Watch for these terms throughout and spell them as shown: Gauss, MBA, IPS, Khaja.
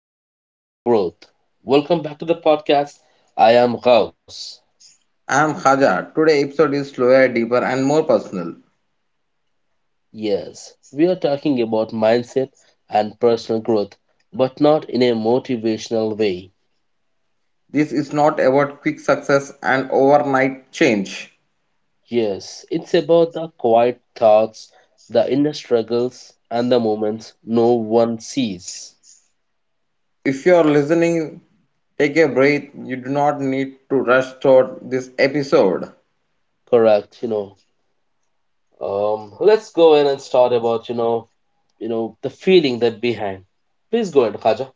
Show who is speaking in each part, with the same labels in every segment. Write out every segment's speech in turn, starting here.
Speaker 1: and personal growth. Welcome back to the podcast. I am Gauss.
Speaker 2: I'm Khaja. Today episode is slower, deeper, and more personal.
Speaker 1: Yes, we are talking about mindset and personal growth, but not in a motivational way.
Speaker 2: This is not about quick success and overnight change.
Speaker 1: Yes, it's about the quiet thoughts, the inner struggles, and the moments no one sees.
Speaker 2: If you are listening, take a breath. You do not need to rush through this episode.
Speaker 1: Correct, you know. Let's go in and start about, the feeling that behind. Please go ahead, Khaja.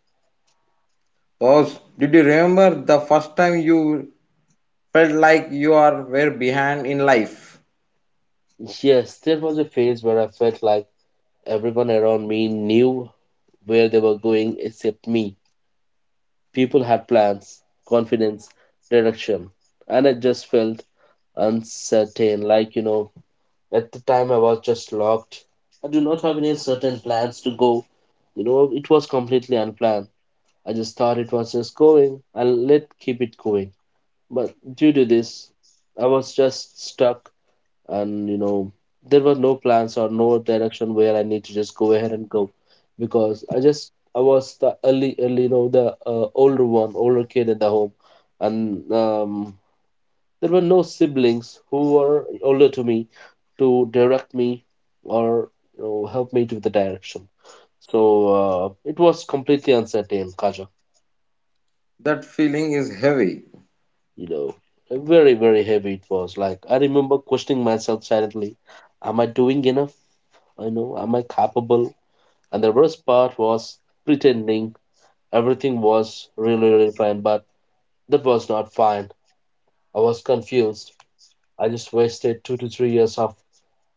Speaker 2: Pause. Did you remember the first time you felt like you are were behind in life?
Speaker 1: Yes, there was a phase where I felt like everyone around me knew where they were going except me. People had plans, confidence, direction, and I just felt uncertain. Like, you know, at the time I was just locked. I do not have any certain plans to go. You know, it was completely unplanned. I just thought it was just going and let keep it going. But due to this, I was just stuck, and you know there were no plans or no direction where I need to just go ahead and go because I was the early you know the older one older kid in the home, and there were no siblings who were older to me to direct me, or you know help me to the direction. So it was completely uncertain, Kaja.
Speaker 2: That feeling is heavy.
Speaker 1: You know, like, very heavy it was. Like, I remember questioning myself silently, am I doing enough? I know, am I capable? And the worst part was pretending everything was really fine, but that was not fine. I was confused. I just wasted 2 to 3 years of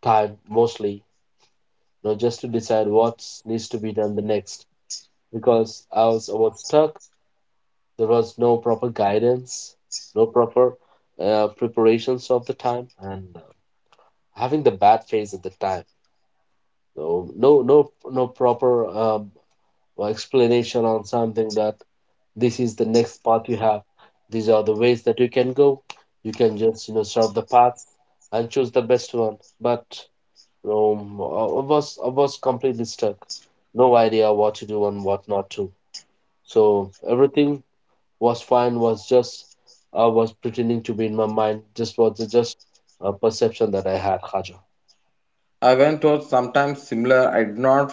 Speaker 1: time mostly, you know, just to decide what needs to be done the next. Because I was stuck. There was no proper guidance, no proper preparations of the time, and having the bad phase at the time. So no proper or explanation on something that this is the next path you have, these are the ways that you can go, you can just you know serve the paths and choose the best one. But um, I I was completely stuck, no idea what to do and what not to. So everything was fine was just I was pretending to be in my mind just was just a perception that I had, Khaja.
Speaker 2: I went through sometimes similar. I did not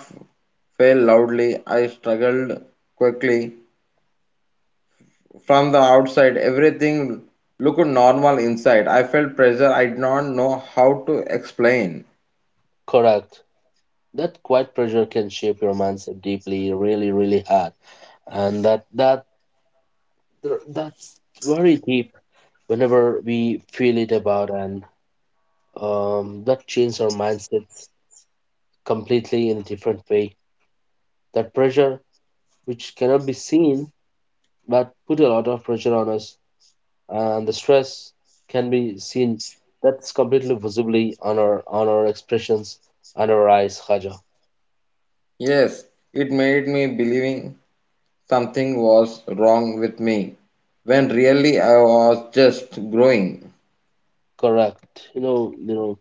Speaker 2: fail loudly. I struggled quickly. From the outside, everything looked normal inside. I felt pressure I did not know how to explain.
Speaker 1: Correct, that quiet pressure can shape your mindset deeply, really hard. And that's very deep whenever we feel it about, and that changes our mindsets completely in a different way. That pressure, which cannot be seen, but put a lot of pressure on us, and the stress can be seen. That's completely visibly on our expressions and our eyes, Haja.
Speaker 2: Yes, it made me believing something was wrong with me, when really I was just growing.
Speaker 1: Correct. You know, you know.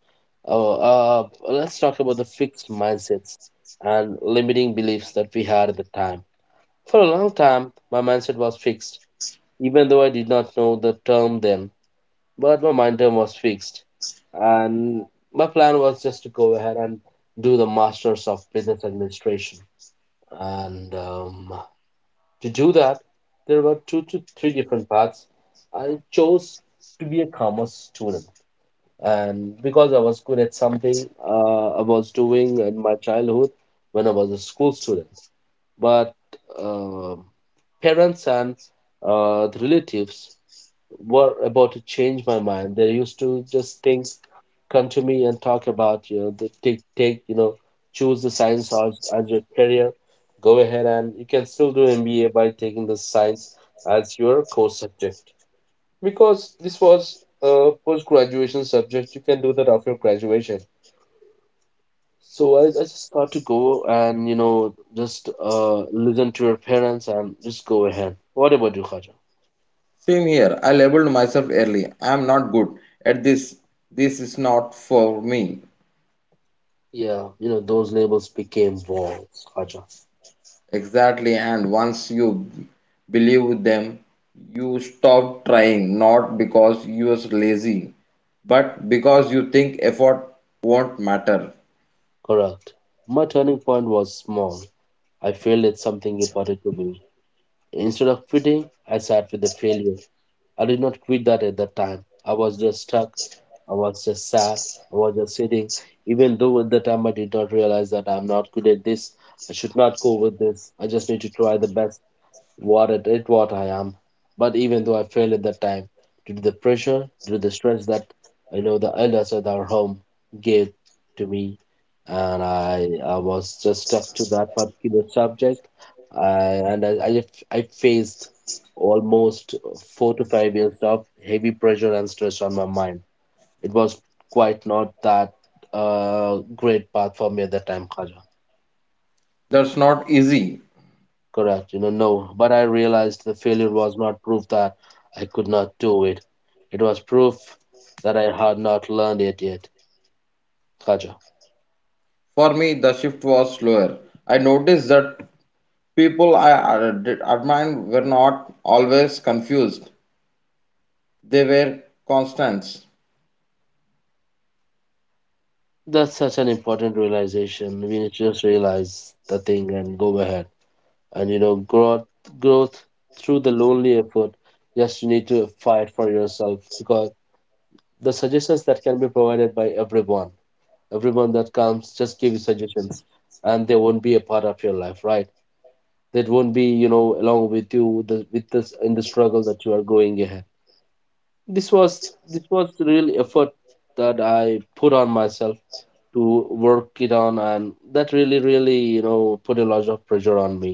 Speaker 1: Let's talk about the fixed mindsets and limiting beliefs that we had at the time. For a long time, my mindset was fixed, even though I did not know the term then. But my mind term was fixed, and my plan was just to go ahead and do the Masters of Business Administration. And To do that, there were two to three different paths. I chose to be a commerce student, and because I was good at something I was doing in my childhood when I was a school student. But uh, parents and the relatives were about to change my mind. They used to just think, come to me and talk about, you know, you know, choose the science as your career. Go ahead and you can still do MBA by taking the science as your core subject. Because this was a post graduation subject, you can do that after graduation. So I just thought to go and you know just listen to your parents and just go ahead. What about you, Khaja?
Speaker 2: Same here, I labeled myself early. I am not good at this. This is not for me.
Speaker 1: Yeah, you know those labels became walls, Khaja.
Speaker 2: Exactly, and once you believe them, you stop trying, not because you are lazy, but because you think effort won't matter.
Speaker 1: Correct. My turning point was small. I failed at something important to me. Instead of quitting, I sat with the failure. I did not quit that at that time. I was just stuck. I was just sad. I was just sitting. Even though at the time I did not realize that I'm not good at this, I should not go with this. I just need to try the best what it what I am. But even though I failed at that time, due to the pressure, due to the stress that I know the elders at our home gave to me, and I was just stuck to that particular subject, I, and I, I f- I faced almost 4 to 5 years of heavy pressure and stress on my mind. It was quite not that great path for me at that time, Khaja.
Speaker 2: That's not easy.
Speaker 1: Correct, you know, no. But I realized the failure was not proof that I could not do it. It was proof that I had not learned it yet. Kaja.
Speaker 2: For me, the shift was slower. I noticed that people admired were not always confused, they were constants.
Speaker 1: That's such an important realization. We need to just realize the thing and go ahead. And you know, growth through the lonely effort. Yes, you need to fight for yourself because the suggestions that can be provided by everyone, everyone that comes just give you suggestions and they won't be a part of your life, right? That won't be you know along with you with this in the struggle that you are going ahead. This was this was the real effort that I put on myself to work it on, and that really you know put a lot of pressure on me.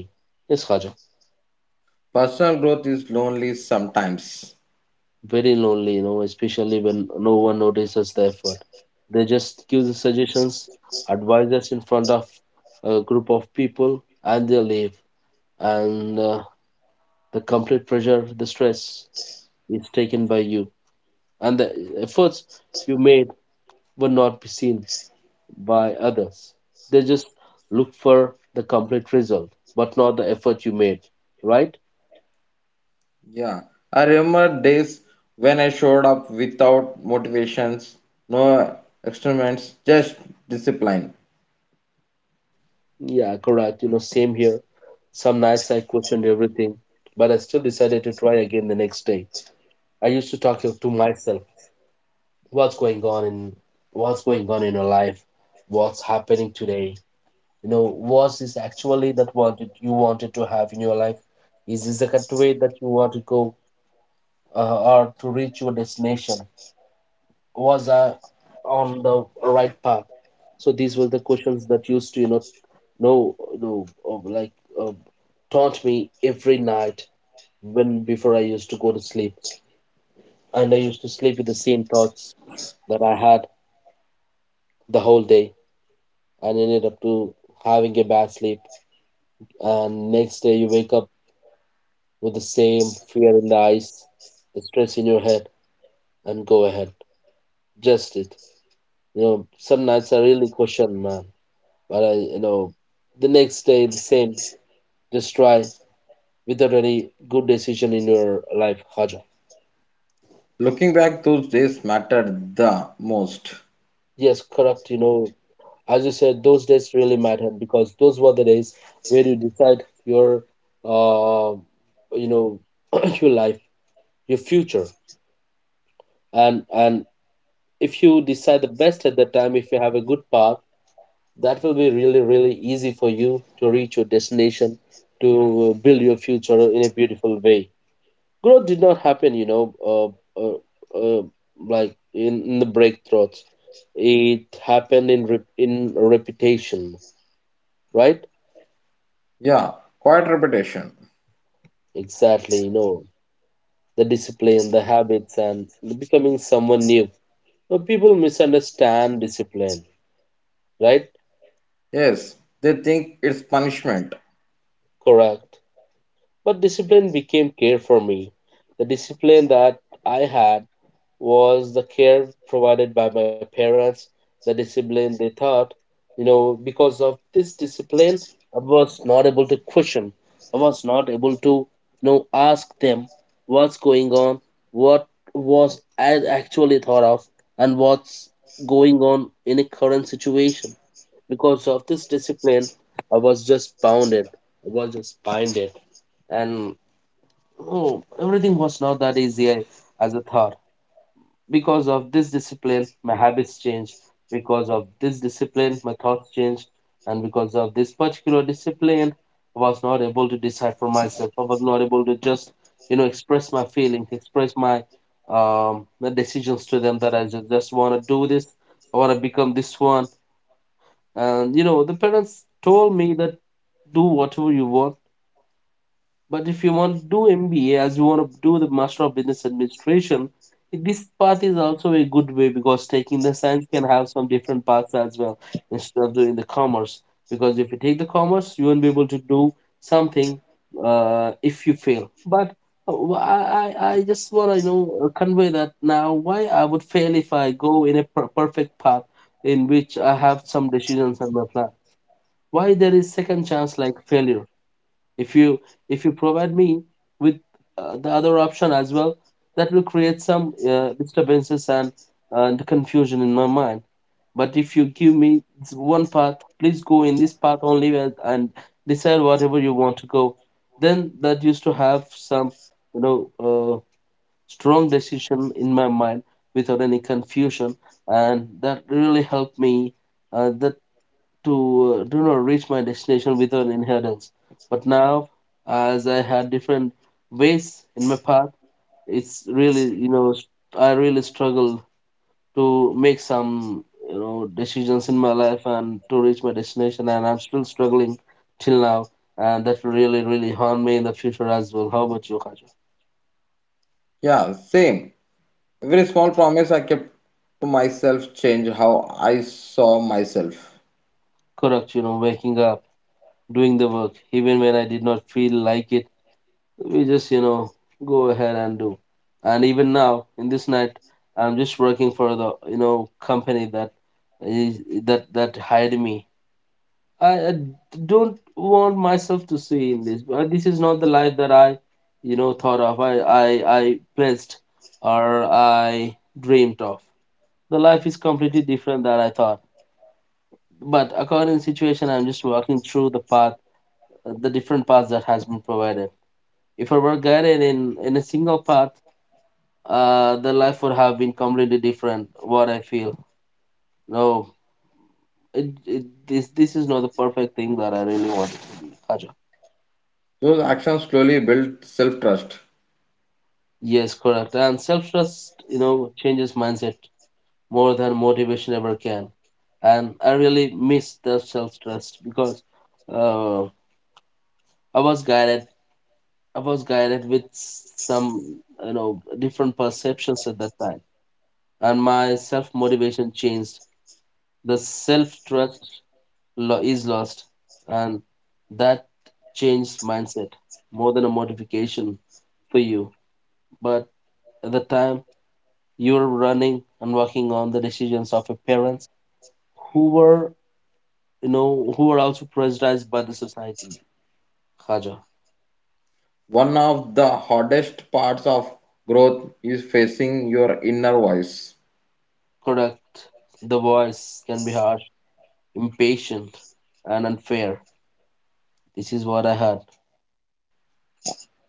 Speaker 1: Yes, Khaja.
Speaker 2: Personal growth is lonely sometimes.
Speaker 1: Very lonely, you know, especially when no one notices the effort. They just give the suggestions, advices in front of a group of people and they leave. And the complete pressure, the stress is taken by you, and the efforts you made will not be seen by others. They just look for the complete result, but not the effort you made, right?
Speaker 2: Yeah, I remember days when I showed up without motivations, no experiments, just discipline.
Speaker 1: Yeah, correct. You know, same here. Some nights I questioned everything, but I still decided to try again the next day. I used to talk to myself, what's going on in what's going on in your life, what's happening today. You know, was this actually that wanted you wanted to have in your life? Is this the correct way that you want to go? Or to reach your destination? Was I on the right path? So these were the questions that used to, you know, no, no, like uh, taunt me every night when before I used to go to sleep, and I used to sleep with the same thoughts that I had the whole day, and ended up to having a bad sleep. And next day you wake up with the same fear in the eyes, the stress in your head, and go ahead. Just it. You know, some nights I really question, man. But I, you know, the next day, the same. Just try without any good decision in your life, Khaja.
Speaker 2: Looking back, those days mattered the most.
Speaker 1: Yes, correct. You know, as you said, those days really matter because those were the days where you decide your, uh, you know, your life, your future, and if you decide the best at that time, if you have a good path, that will be really easy for you to reach your destination, to build your future in a beautiful way. Growth did not happen, you know, uh, uh, like in the breakthroughs. It happened in reputation, right?
Speaker 2: Yeah, quiet repetition.
Speaker 1: Exactly, you know, the discipline, the habits, and becoming someone new. Now people misunderstand discipline, right?
Speaker 2: Yes, they think it's punishment.
Speaker 1: Correct. But discipline became care for me. The discipline that I had was the care provided by my parents, the discipline they taught. You know, because of this discipline, I was not able to question. I was not able to, you know, ask them what's going on, what was I actually thought of, and what's going on in a current situation. Because of this discipline, I was just bounded. I was just binded. And oh, everything was not that easy as I thought. Because of this discipline my habits change, because of this discipline my thoughts change, and because of this particular discipline I was not able to decide for myself. I was not able to just you know express my feelings, express my my decisions to them that I just want to do this. I want to become this one. And you know the parents told me that do whatever you want, but if you want to do MBA as you want to do the Master of Business Administration, this path is also a good way because taking the science can have some different paths as well instead of doing the commerce. Because if you take the commerce, you won't be able to do something if you fail. But I just want to convey that now. Why I would fail if I go in a perfect path in which I have some decisions on my plan? Why there is second chance like failure? If you, if you provide me with the other option as well, that will create some disturbances and confusion in my mind. But if you give me this one path, please go in this path only and, decide whatever you want to go, then that used to have some you know uh, strong decision in my mind without any confusion, and that really helped me that to do not reach my destination without inheritance. But now, as I had different ways in my path, it's really I really struggle to make some decisions in my life and to reach my destination, and I'm still struggling till now, and that will really, really harm me in the future as well. How about you, Khaja?
Speaker 2: Yeah, same. Every small promise I kept to myself changed how I saw myself.
Speaker 1: Correct, you know, waking up, doing the work, even when I did not feel like it, we just go ahead and do. And even now in this night, I'm just working for the company that is that that hired me. I don't want myself to see in this, but this is not the life that I thought of, I placed or I dreamed of. The life is completely different than I thought, but according to situation I'm just walking through the path, the different paths that has been provided. If I were guided in a single path, the life would have been completely different. What I feel, no, it this this is not the perfect thing that I really want it to be. Kaja.
Speaker 2: Those actions slowly built self trust.
Speaker 1: Yes, correct. And self trust, you know, changes mindset more than motivation ever can. And I really miss the self trust because uh, I was guided. I was guided with some different perceptions at that time, and my self motivation changed. The self trust is lost, and that changed mindset more than a modification for you. But at the time, you were running and working on the decisions of your parents, who were, who were also pressurized by the society. Khaja,
Speaker 2: One of the hardest parts of growth is facing your inner voice.
Speaker 1: correct. The voice can be harsh, impatient, and unfair. This is what I had.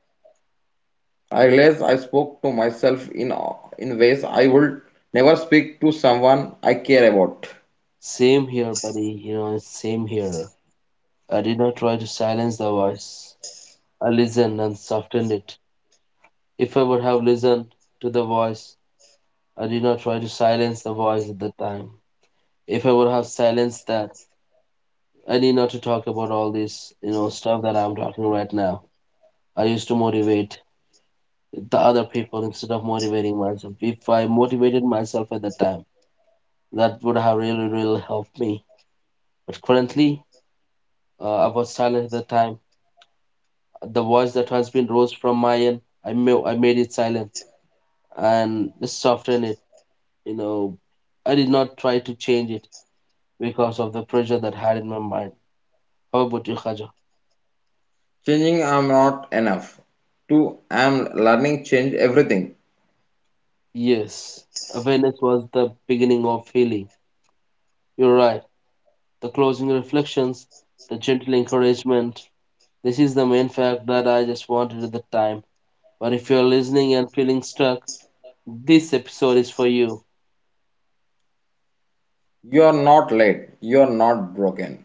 Speaker 2: I realized I spoke to myself in ways I would never speak to someone I care about.
Speaker 1: Same here, buddy. You know, it's same here. I did not try to silence the voice. I listened and softened it. If I would have listened to the voice, I did not try to silence the voice at the time. If I would have silenced that, I need not to talk about all this, you know, stuff that I'm talking right now. I used to motivate the other people instead of motivating myself. If I motivated myself at the time, that would have really, really helped me. But currently, I was silent at the time. The voice that has been rose from my end, I made it silent and softened it, you know, I did not try to change it because of the pressure that had in my mind. How about you, Khaja?
Speaker 2: Changing I'm not enough. Two I'm learning change everything.
Speaker 1: Yes, awareness was the beginning of healing. You're right. The closing reflections, the gentle encouragement. This is the main fact that I just wanted at the time. But if you're listening and feeling stuck, this episode is for you.
Speaker 2: You are not late. You are not broken.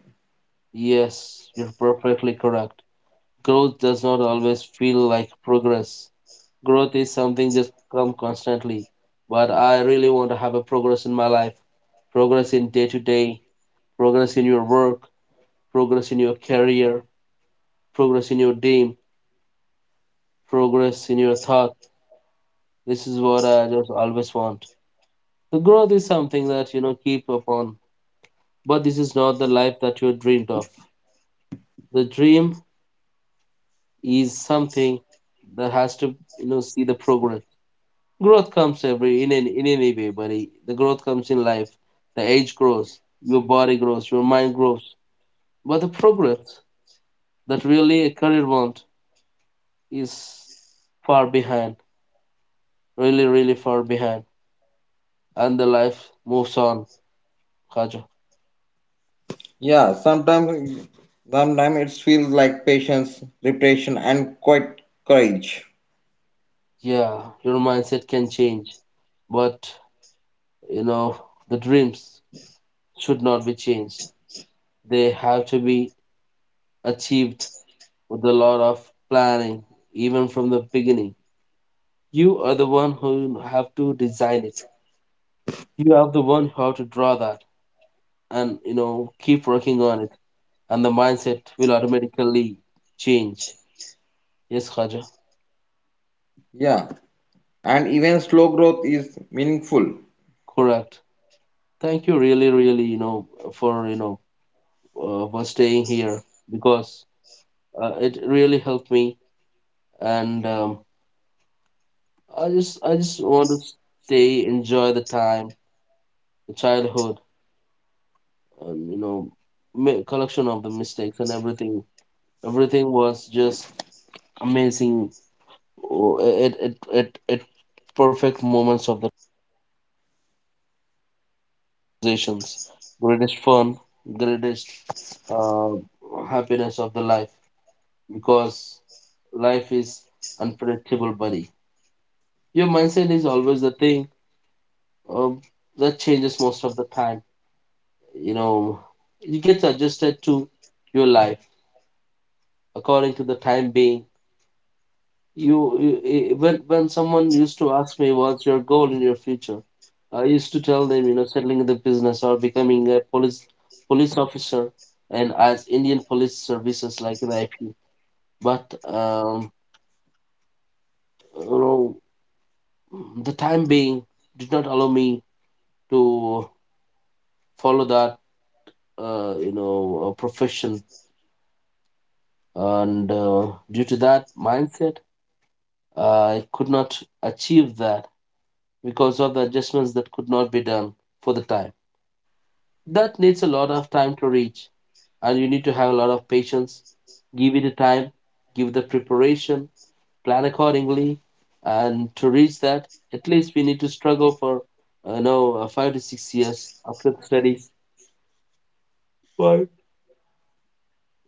Speaker 1: Yes, you're perfectly correct. Growth does not always feel like progress. Growth is something just come constantly, but I really want to have a progress in my life, progress in day to day, progress in your work, progress in your career, progress in your dream, progress in your thought. This is what I just always want. The growth is something that keep upon, but this is not the life that you dreamed of. The dream is something that has to see the progress. Growth comes every in any, way, buddy. The growth comes in life. The age grows, your body grows, your mind grows. But the progress that really a career want is far behind. Really, really far behind. And the life moves on, Kaja.
Speaker 2: Yeah, sometimes it feels like patience, repetition, and quite courage.
Speaker 1: Yeah, your mindset can change, but, you know, the dreams should not be changed. They have to be achieved with a lot of planning, even from the beginning. You are the one who have to design it, you are the one who have to draw that, and keep working on it, and the mindset will automatically change. Yes, Khaja,
Speaker 2: Yeah, and even slow growth is meaningful.
Speaker 1: correct. Thank you really, really, for you know for staying here, because it really helped me. And I just, I just want to stay, enjoy the time, the childhood, um, you know collection of the mistakes and everything. Everything was just amazing. Oh, It perfect moments of the conversations. Greatest fun, greatest uh, happiness of the life, because life is unpredictable, buddy. Your mindset is always the thing, um, that changes most of the time. You know, you get adjusted to your life according to the time being. You When someone used to ask me what's your goal in your future, I used to tell them, you know, settling in the business or becoming a police officer, and as Indian police services like the IP. But you know, the time being did not allow me to follow that profession, and due to that mindset, I could not achieve that because of the adjustments that could not be done for the time. That needs a lot of time to reach, and you need to have a lot of patience, give it a time, give the preparation, plan accordingly, and to reach that at least we need to struggle for 5 to 6 years after the studies. Why?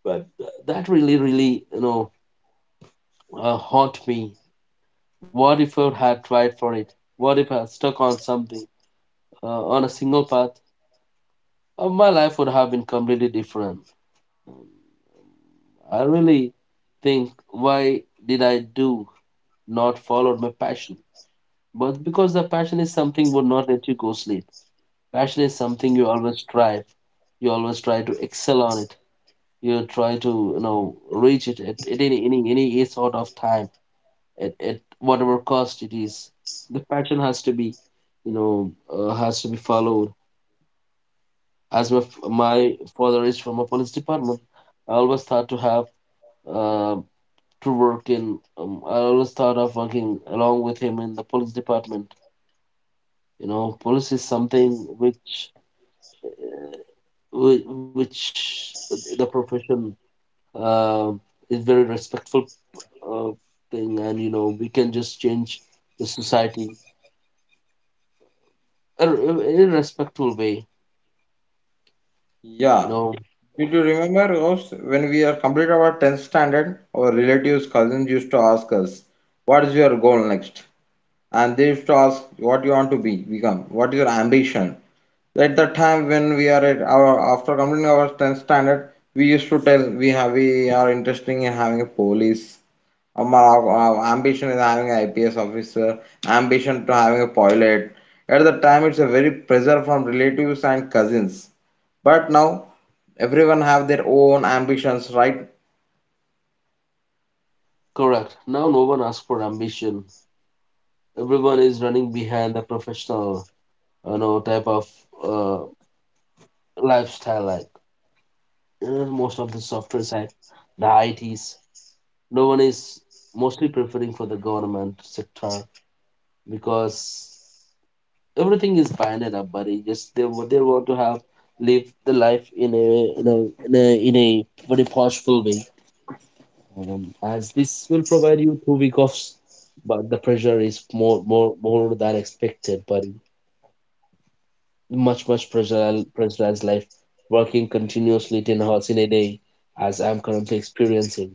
Speaker 1: But that really, really, haunt me. What if I had tried for it? What if I had stuck on something, uh, on a single path? My life would have been completely different. I really think, why did I do not follow my passion? But because the passion is something would not let you go sleep. Passion is something you always strive. You always try to excel on it. You try to reach it at, any, sort of time, at, whatever cost it is. The passion has to be, has to be followed. As my my father is from a police department, I always thought to have uh. to work in. I always thought of working along with him in the police department. You know, police is something which which the profession uh, is very respectful uh, thing, and you know we can just change the society in a respectful way. You
Speaker 2: Yeah.
Speaker 1: know,
Speaker 2: Did you remember us when we are complete our 10th standard, our relatives, cousins used to ask us, what is your goal next? And they used to ask what you want to be, become, what is your ambition? At the time when we are at our after completing our 10th standard, we used to tell we are interested in having a police. Our ambition is having an IPS officer, ambition to having a pilot. At the time, it's a very pressure from relatives and cousins. But now everyone have their own ambitions, right?
Speaker 1: correct. Now no one asks for ambition. Everyone is running behind the professional, you know, type of uh, lifestyle. Like, you know, most of the software side, the I T's. No one is mostly preferring for the government sector, because everything is binded up, buddy. Just they they want to have, live the life in a, very forceful way, as this will provide you 2 week offs. But the pressure is more than expected. But much pressure, pressurized life, working continuously 10 hours in a day, as I'm currently experiencing.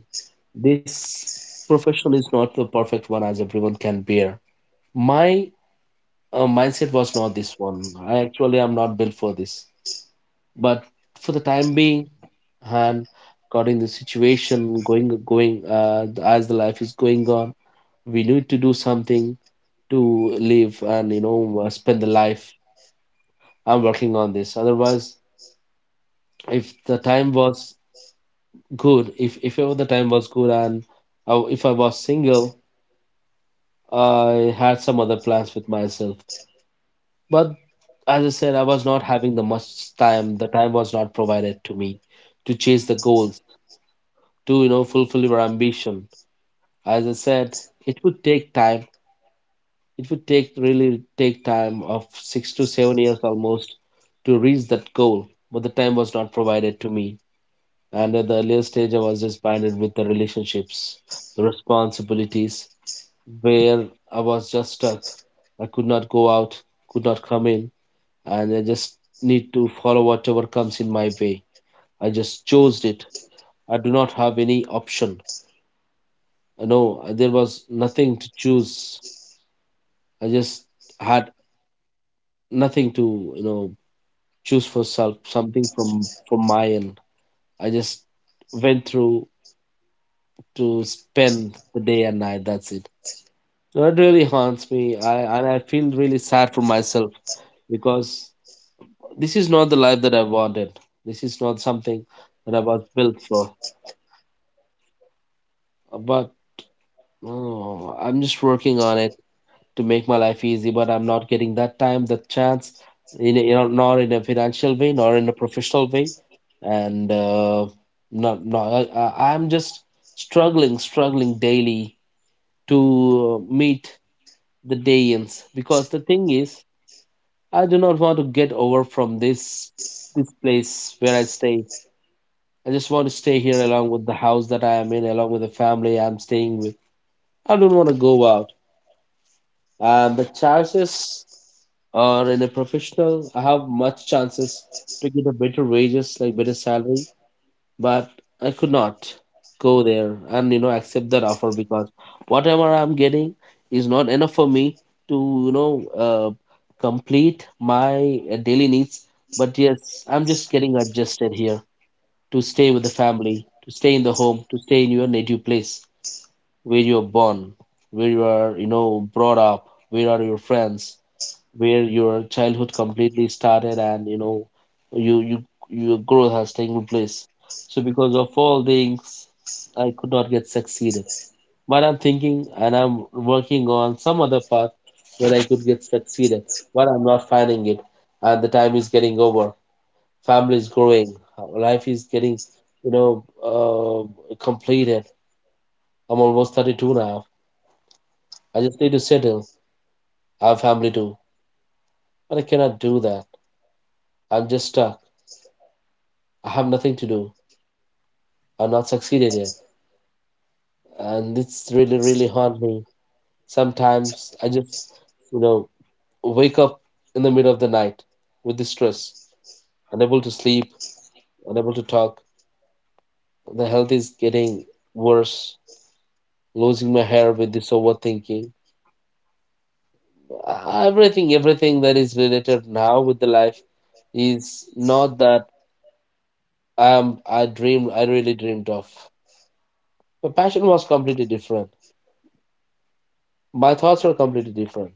Speaker 1: This profession is not the perfect one as everyone can bear. My mindset was not this one. I actually am not built for this. But for the time being, and according the situation going, as the life is going on, we need to do something to live and spend the life. I'm working on this. Otherwise, if the time was good, if ever the time was good, and if I was single, I had some other plans with myself. But as I said, I was not having the much time. The time was not provided to me to chase the goals, to fulfill your ambition. As I said, it would take time. It would take really, take time of 6 to 7 years almost to reach that goal. But the time was not provided to me. And at the earlier stage, I was just bounded with the relationships, the responsibilities, where I was just stuck. I could not go out, could not come in, and I just need to follow whatever comes in my way. I just chose it. I do not have any option. You know, there was nothing to choose. I just had nothing to, you know, choose for self something from my end. I just went through to spend the day and night. That's it. So it really haunts me. I and I feel really sad for myself because this is not the life that I wanted. This is not something that I was built for. But Oh, I'm just working on it to make my life easy, but I'm not getting that time, that chance, in a, not in a financial way, nor in a professional way, and not, not I, I- I'm just struggling daily to meet the day ends. Because the thing is, I do not want to get over from this place where I stay. I just want to stay here along with the house that I am in, along with the family I'm staying with. I don't want to go out. And the chances are, in a professional, I have much chances to get a better wages, like better salary, but I could not go there and, you know, accept that offer because whatever I'm getting is not enough for me to, complete my daily needs. But yes, I'm just getting adjusted here to stay with the family, to stay in the home, to stay in your native place where you're born, where you are, you know, brought up, where are your friends, where your childhood completely started, and, you know, you, your growth has taken place. So because of all things, I could not get succeeded. But I'm thinking and I'm working on some other path where I could get succeeded, but I'm not finding it, and the time is getting over. Family is growing, life is getting, you know, completed. I'm almost 32 now. I just need to settle. I have family too, but I cannot do that. I'm just stuck. I have nothing to do. I've not succeeded yet. And it's really, really haunt me. Sometimes I just, you know, wake up in the middle of the night with the stress, unable to sleep, unable to talk. The health is getting worse, losing my hair with this overthinking. Everything that is related now with the life is not that I really dreamed of. My passion was completely different. My thoughts were completely different.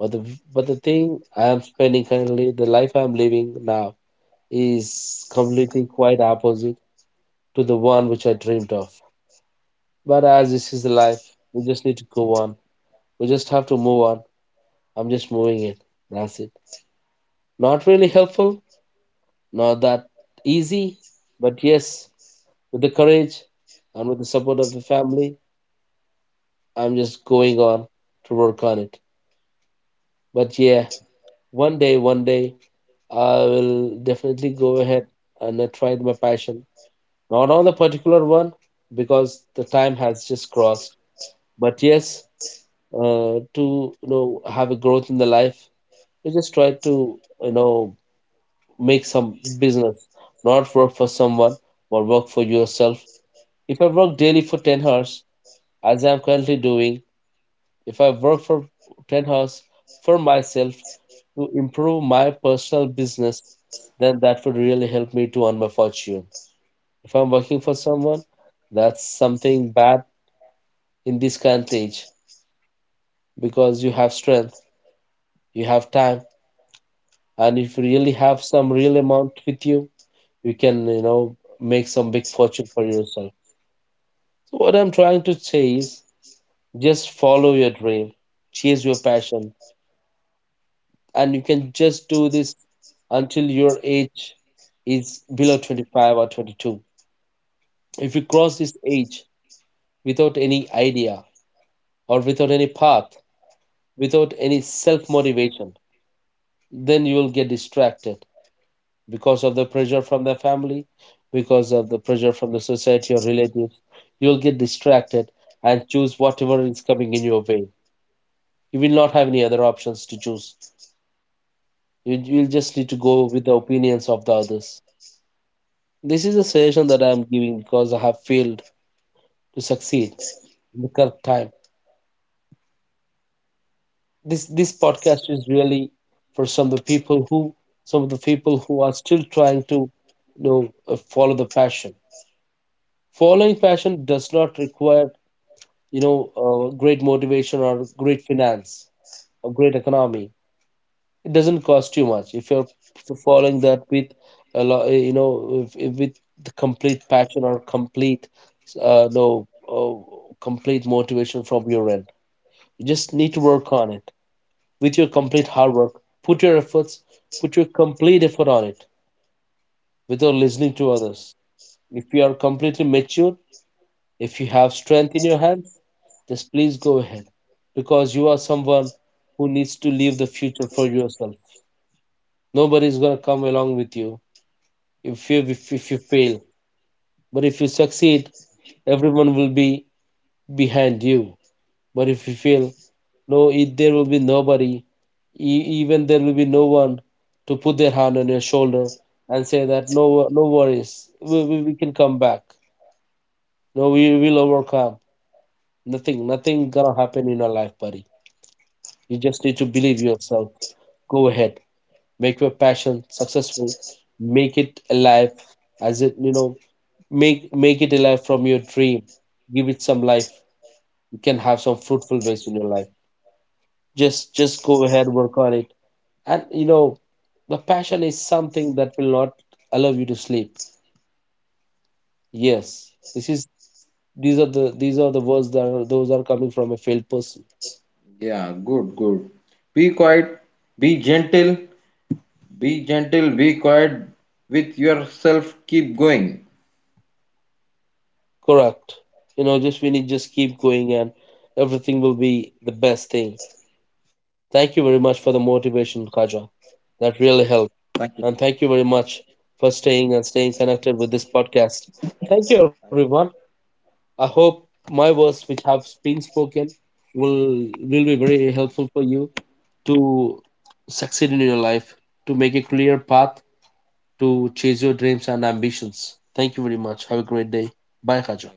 Speaker 1: But the but the thing I am spending currently, the life I am living now, is completely quite opposite to the one which I dreamed of. But as this is the life, we just need to go on. We just have to move on. I'm just moving it. That's it. Not really helpful, not that easy, but yes, with the courage and with the support of the family, I'm just going on to work on it. But yeah, one day, I will definitely go ahead and try my passion. Not on the particular one, because the time has just crossed. But yes, to, you know, have a growth in the life, you just try to, you know, make some business, not work for someone, but work for yourself. If I work daily for 10 hours, as I'm currently doing, if I work for 10 hours for myself to improve my personal business, then that would really help me to earn my fortune. If I'm working for someone, that's something bad in this current age, because you have strength, you have time, and if you really have some real amount with you, you can, you know, make some big fortune for yourself. So what I'm trying to say is, just follow your dream, chase your passion, and you can just do this until your age is below 25 or 22. If you cross this age without any idea, or without any path, without any self motivation, then you will get distracted because of the pressure from the family, because of the pressure from the society or relatives. You will get distracted and choose whatever is coming in your way. You will not have any other options to choose. You will just need to go with the opinions of the others. This is a suggestion that I am giving because I have failed to succeed in the correct time. This podcast is really for some of the people who, are still trying to, you know follow the passion. Following passion does not require, you know great motivation or great finance or great economy. It doesn't cost you much. If you're following that with a lot you know if with the complete passion or complete no complete motivation from your end, you just need to work on it. With your complete hard work, put your efforts, put your complete effort on it, without listening to others. If you are completely mature, if you have strength in your hands, just please go ahead, because you are someone who needs to leave the future for yourself. Nobody is going to come along with you if you if you fail. But if you succeed, everyone will be behind you. But if you fail, no it, there will be nobody. Even there will be no one to put their hand on your shoulder and say that, no no worries, we can come back. No, we will overcome. Nothing gonna happen in your life, buddy. You just need to believe yourself. Go ahead, make your passion successful, make it alive. As it, you know, make it alive from your dream. Give it some life. You can have some fruitful ways in your life. Just go ahead, work on it. And, you know, the passion is something that will not allow you to sleep. Yes, this is, these are the words that are, those are coming from a failed person.
Speaker 2: Yeah, good, good. Be quiet, be gentle. Be gentle, be quiet with yourself. Keep going.
Speaker 1: Correct. You know, just we need, just keep going, and everything will be the best thing. Thank you very much for the motivation, Kaja. That really
Speaker 2: Thank
Speaker 1: helped.
Speaker 2: you.
Speaker 1: And thank you very much for staying connected with this podcast. Thank you, everyone. I hope my words, which have been spoken, will be very helpful for you to succeed in your life, to make a clear path, to chase your dreams and ambitions. Thank you very much. Have a great day. Bye, Kaja.